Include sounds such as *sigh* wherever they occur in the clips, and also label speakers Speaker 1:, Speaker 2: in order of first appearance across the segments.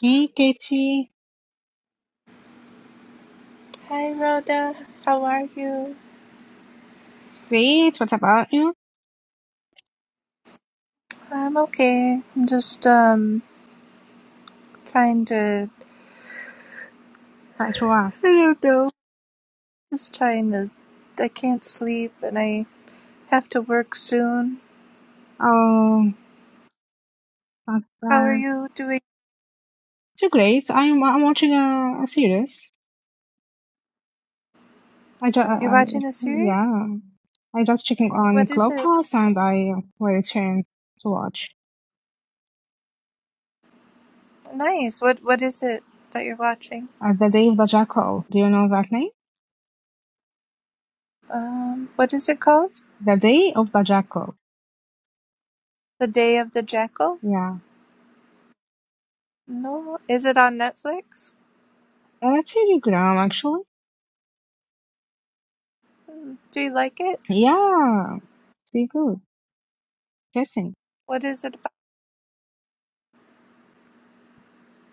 Speaker 1: Hey, Katie.
Speaker 2: Hi Rhoda, how are you?
Speaker 1: Great. What about you?
Speaker 2: I'm okay. I'm just um trying to
Speaker 1: Quite
Speaker 2: *laughs*
Speaker 1: well.
Speaker 2: I don't know. Just trying to I can't sleep and I have to work soon.
Speaker 1: Oh, not
Speaker 2: How are
Speaker 1: bad.
Speaker 2: you doing?
Speaker 1: Too great. I'm I'm watching a, a series. I just
Speaker 2: You're
Speaker 1: I,
Speaker 2: watching a series?
Speaker 1: yeah. I just checking on
Speaker 2: What is it?
Speaker 1: Clubhouse and I will return to watch.
Speaker 2: Nice. What what is it that you're watching?
Speaker 1: Uh, the Day of the Jackal. Do you know that name?
Speaker 2: Um what is it called?
Speaker 1: The Day of the Jackal.
Speaker 2: The Day of the Jackal?
Speaker 1: Yeah.
Speaker 2: No. Is it on Netflix?
Speaker 1: Uh, That's Telegram actually.
Speaker 2: Hmm. Do you like it?
Speaker 1: Yeah. It's pretty good. Interesting.
Speaker 2: What is it about?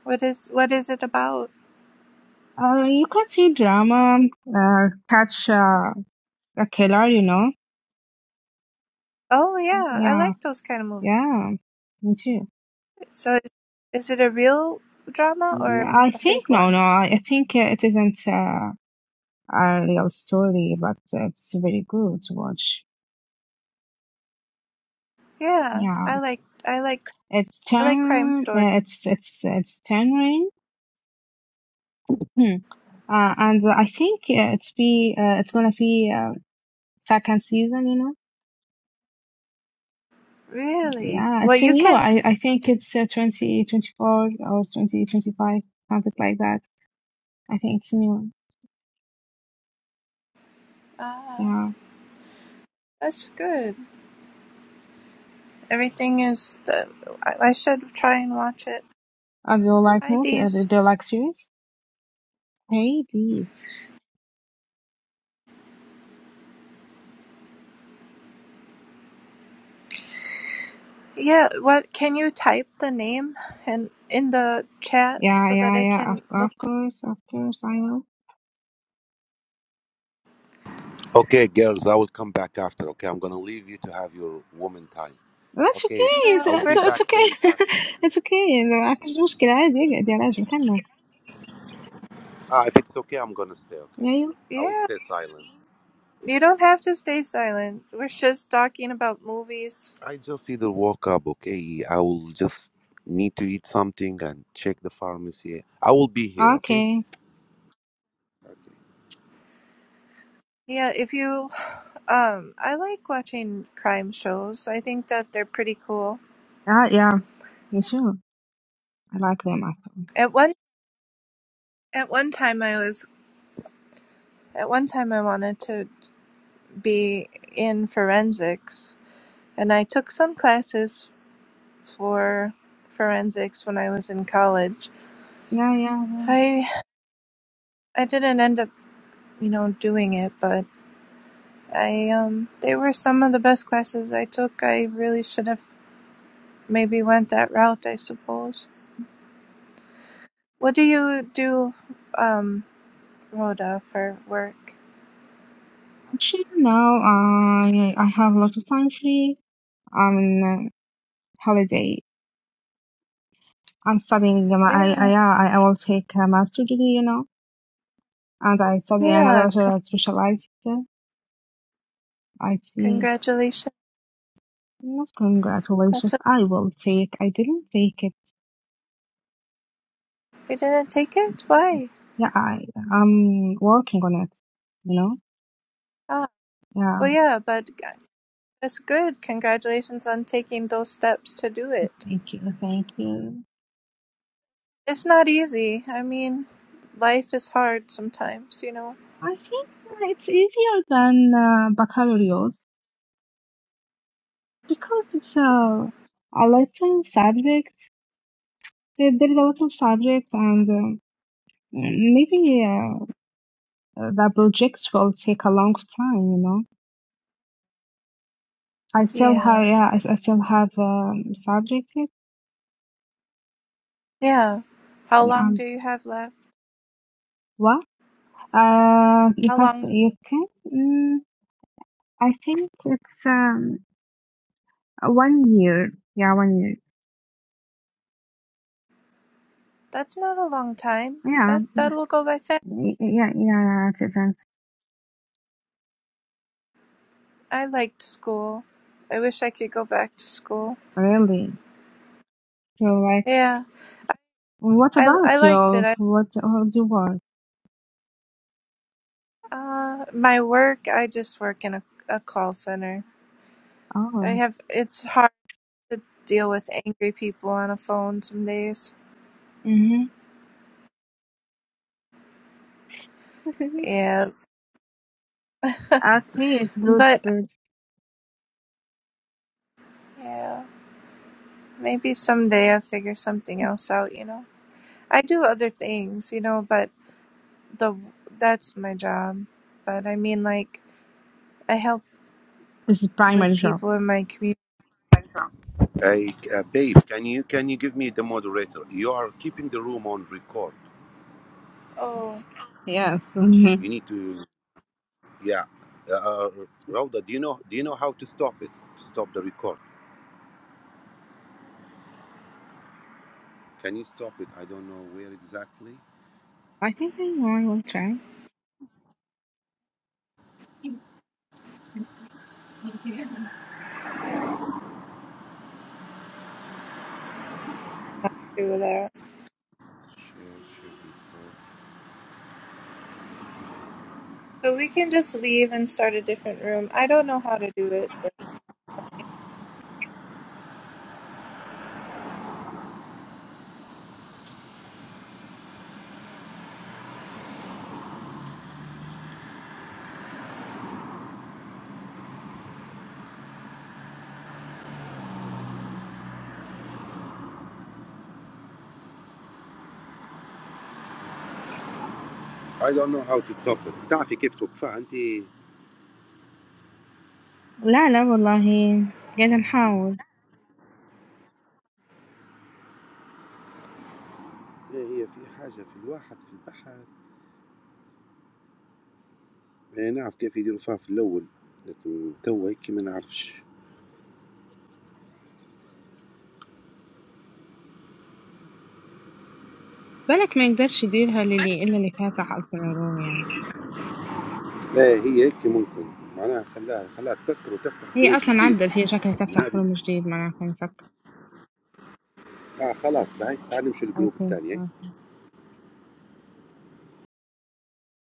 Speaker 2: What is what is it about?
Speaker 1: Uh, you can see drama. Uh, catch uh, a killer. You know.
Speaker 2: Oh yeah, I
Speaker 1: Yeah.
Speaker 2: like those kind of movies.
Speaker 1: Yeah, me too.
Speaker 2: So is, is it a real drama
Speaker 1: Mm,
Speaker 2: or
Speaker 1: I
Speaker 2: a
Speaker 1: think
Speaker 2: fake
Speaker 1: no,
Speaker 2: one?
Speaker 1: no. I I think uh, it isn't uh, a real story, but it's very good to watch.
Speaker 2: Yeah,
Speaker 1: Yeah,
Speaker 2: I like I like
Speaker 1: it's
Speaker 2: I like crime
Speaker 1: ten.
Speaker 2: stories.
Speaker 1: Uh, it's it's it's ten rain. Hmm. Uh, and I think uh, it's be uh, it's gonna be uh, second season. You know.
Speaker 2: Really?
Speaker 1: Yeah,
Speaker 2: Well,
Speaker 1: it's
Speaker 2: you
Speaker 1: new.
Speaker 2: can.
Speaker 1: I I think it's uh, twenty twenty four or twenty twenty five something like that. I think it's new.
Speaker 2: Ah,
Speaker 1: Yeah.
Speaker 2: that's good. Everything is. The, I, I should try and watch it.
Speaker 1: Uh, do you like
Speaker 2: Hi,
Speaker 1: movie? Uh, do
Speaker 2: Dees.
Speaker 1: you like series? Maybe.
Speaker 2: Yeah. What can you type the name and in the chat
Speaker 1: Yeah,
Speaker 2: so that
Speaker 1: yeah,
Speaker 2: I
Speaker 1: yeah. Of,
Speaker 2: can look?
Speaker 1: of course, of course, I know.
Speaker 3: Okay, girls, I will come back after. Okay, I'm gonna leave you to have your woman time.
Speaker 1: That's okay.
Speaker 3: Okay,
Speaker 1: It's
Speaker 2: No,
Speaker 3: I'll
Speaker 1: it's
Speaker 2: we're,
Speaker 3: be
Speaker 1: it's
Speaker 3: back,
Speaker 1: okay.
Speaker 3: babe.
Speaker 1: *laughs*
Speaker 3: As-
Speaker 1: It's okay. ما فيش مشكلة عادي اقعد يا راجل خلنا.
Speaker 3: Ah, if it's okay, I'm gonna stay. Okay, then
Speaker 1: أيوه.
Speaker 3: I will
Speaker 2: yeah.
Speaker 3: stay silent.
Speaker 2: You don't have to stay silent. We're just talking about movies.
Speaker 3: I just either woke up. Okay, I will just need to eat something and check the pharmacy. I will be here. Okay.
Speaker 1: Okay.
Speaker 2: Yeah. If you Um, I like watching crime shows. I think that they're pretty cool.
Speaker 1: Ah, yeah. Me too. I like them actually.
Speaker 2: At one at one time I was at one time I wanted to be in forensics and I took some classes for forensics when I was in college.
Speaker 1: Yeah, yeah, yeah.
Speaker 2: I I didn't end up, you know, doing it, but I um they were some of the best classes I took. I really should have maybe went that route, I suppose. What do you do um Rhoda for work?
Speaker 1: Actually, now I I have a lot of time free. I'm on holiday. I'm studying. um, I I
Speaker 2: Yeah,
Speaker 1: yeah, I, I will take a master degree, you know, and I study another
Speaker 2: yeah. Con-
Speaker 1: specialized IT.
Speaker 2: congratulations.
Speaker 1: Not
Speaker 2: That's
Speaker 1: congratulations.
Speaker 2: a.
Speaker 1: I will take. I didn't take it.
Speaker 2: They didn't take it. Why?
Speaker 1: Yeah, I I'm working on it. You know.
Speaker 2: Ah, well,
Speaker 1: Yeah.
Speaker 2: yeah, but g- that's good. Congratulations on taking those steps to do it.
Speaker 1: Thank you. Thank you.
Speaker 2: It's not easy. I mean, life is hard sometimes, you know.
Speaker 1: I think it's easier than uh, baccalaureate because it's a a little subject. There, there is a lot of subjects, and um maybe uh, the projects will take a long time. You know. I still
Speaker 2: Yeah,
Speaker 1: have. Yeah. I, I still have um, subjects. yet.
Speaker 2: yeah. How
Speaker 1: Yeah.
Speaker 2: long do
Speaker 1: Um,
Speaker 2: you have left?
Speaker 1: what? Uh, you
Speaker 2: How
Speaker 1: have
Speaker 2: long?
Speaker 1: you can. Mm, I think it's um one year. Yeah, one year.
Speaker 2: That's not a long time.
Speaker 1: Yeah,
Speaker 2: That that will go by fast.
Speaker 1: y- yeah, yeah. It isn't
Speaker 2: I liked school. I wish I could go back to school.
Speaker 1: really. So like,
Speaker 2: Yeah,
Speaker 1: what
Speaker 2: I
Speaker 1: about
Speaker 2: I liked
Speaker 1: you?
Speaker 2: it.
Speaker 1: What what do you work?
Speaker 2: Uh, my work, I just work in a, a call center. I
Speaker 1: Oh,
Speaker 2: have, it's hard to deal with angry people on a phone some days.
Speaker 1: mm-hmm.
Speaker 2: Yeah,
Speaker 1: *laughs* okay. It's good.
Speaker 2: but
Speaker 1: good.
Speaker 2: yeah, maybe someday I'll figure something else out, you know. I do other things, you know, but the that's my job. But I mean, like, I help
Speaker 1: This is
Speaker 2: with
Speaker 1: primary job.
Speaker 2: people in my community.
Speaker 3: Hey, uh, babe, can you can you give me the moderator? You are keeping the room on record.
Speaker 2: Oh,
Speaker 1: Yes. Mhm.
Speaker 3: You need to. Yeah, uh, Rauda, do you know do you know how to stop it? To stop the record. Can you stop it? I don't know where exactly.
Speaker 1: I think I know. I will try.
Speaker 2: do that. So we can just leave and start a different room. I don't know how to do it.
Speaker 3: I don't know how to stop it. تعرفي كيف توقفها انت؟ هي
Speaker 1: لا لا والله قاعدة نحاول
Speaker 3: هي في حاجه في الواحد في البحر، انا نعرف كيف يديروا فيها في الاول، لكن توا هيك ما نعرفش.
Speaker 1: بالك ما يقدرش يديرها للي إلا اللي فاتح أصلا الروم يعني
Speaker 3: لا هي هيك ممكن معناها خلاها خلاها تسكر وتفتح
Speaker 1: هي
Speaker 3: جروب
Speaker 1: أصلا
Speaker 3: جديد.
Speaker 1: عدت هي شكلها تفتح
Speaker 3: هذه
Speaker 1: فيلم جديد معناها كان سكر
Speaker 3: اه خلاص، بعد تعال نمشي للجروب
Speaker 1: أوكي
Speaker 3: الثاني.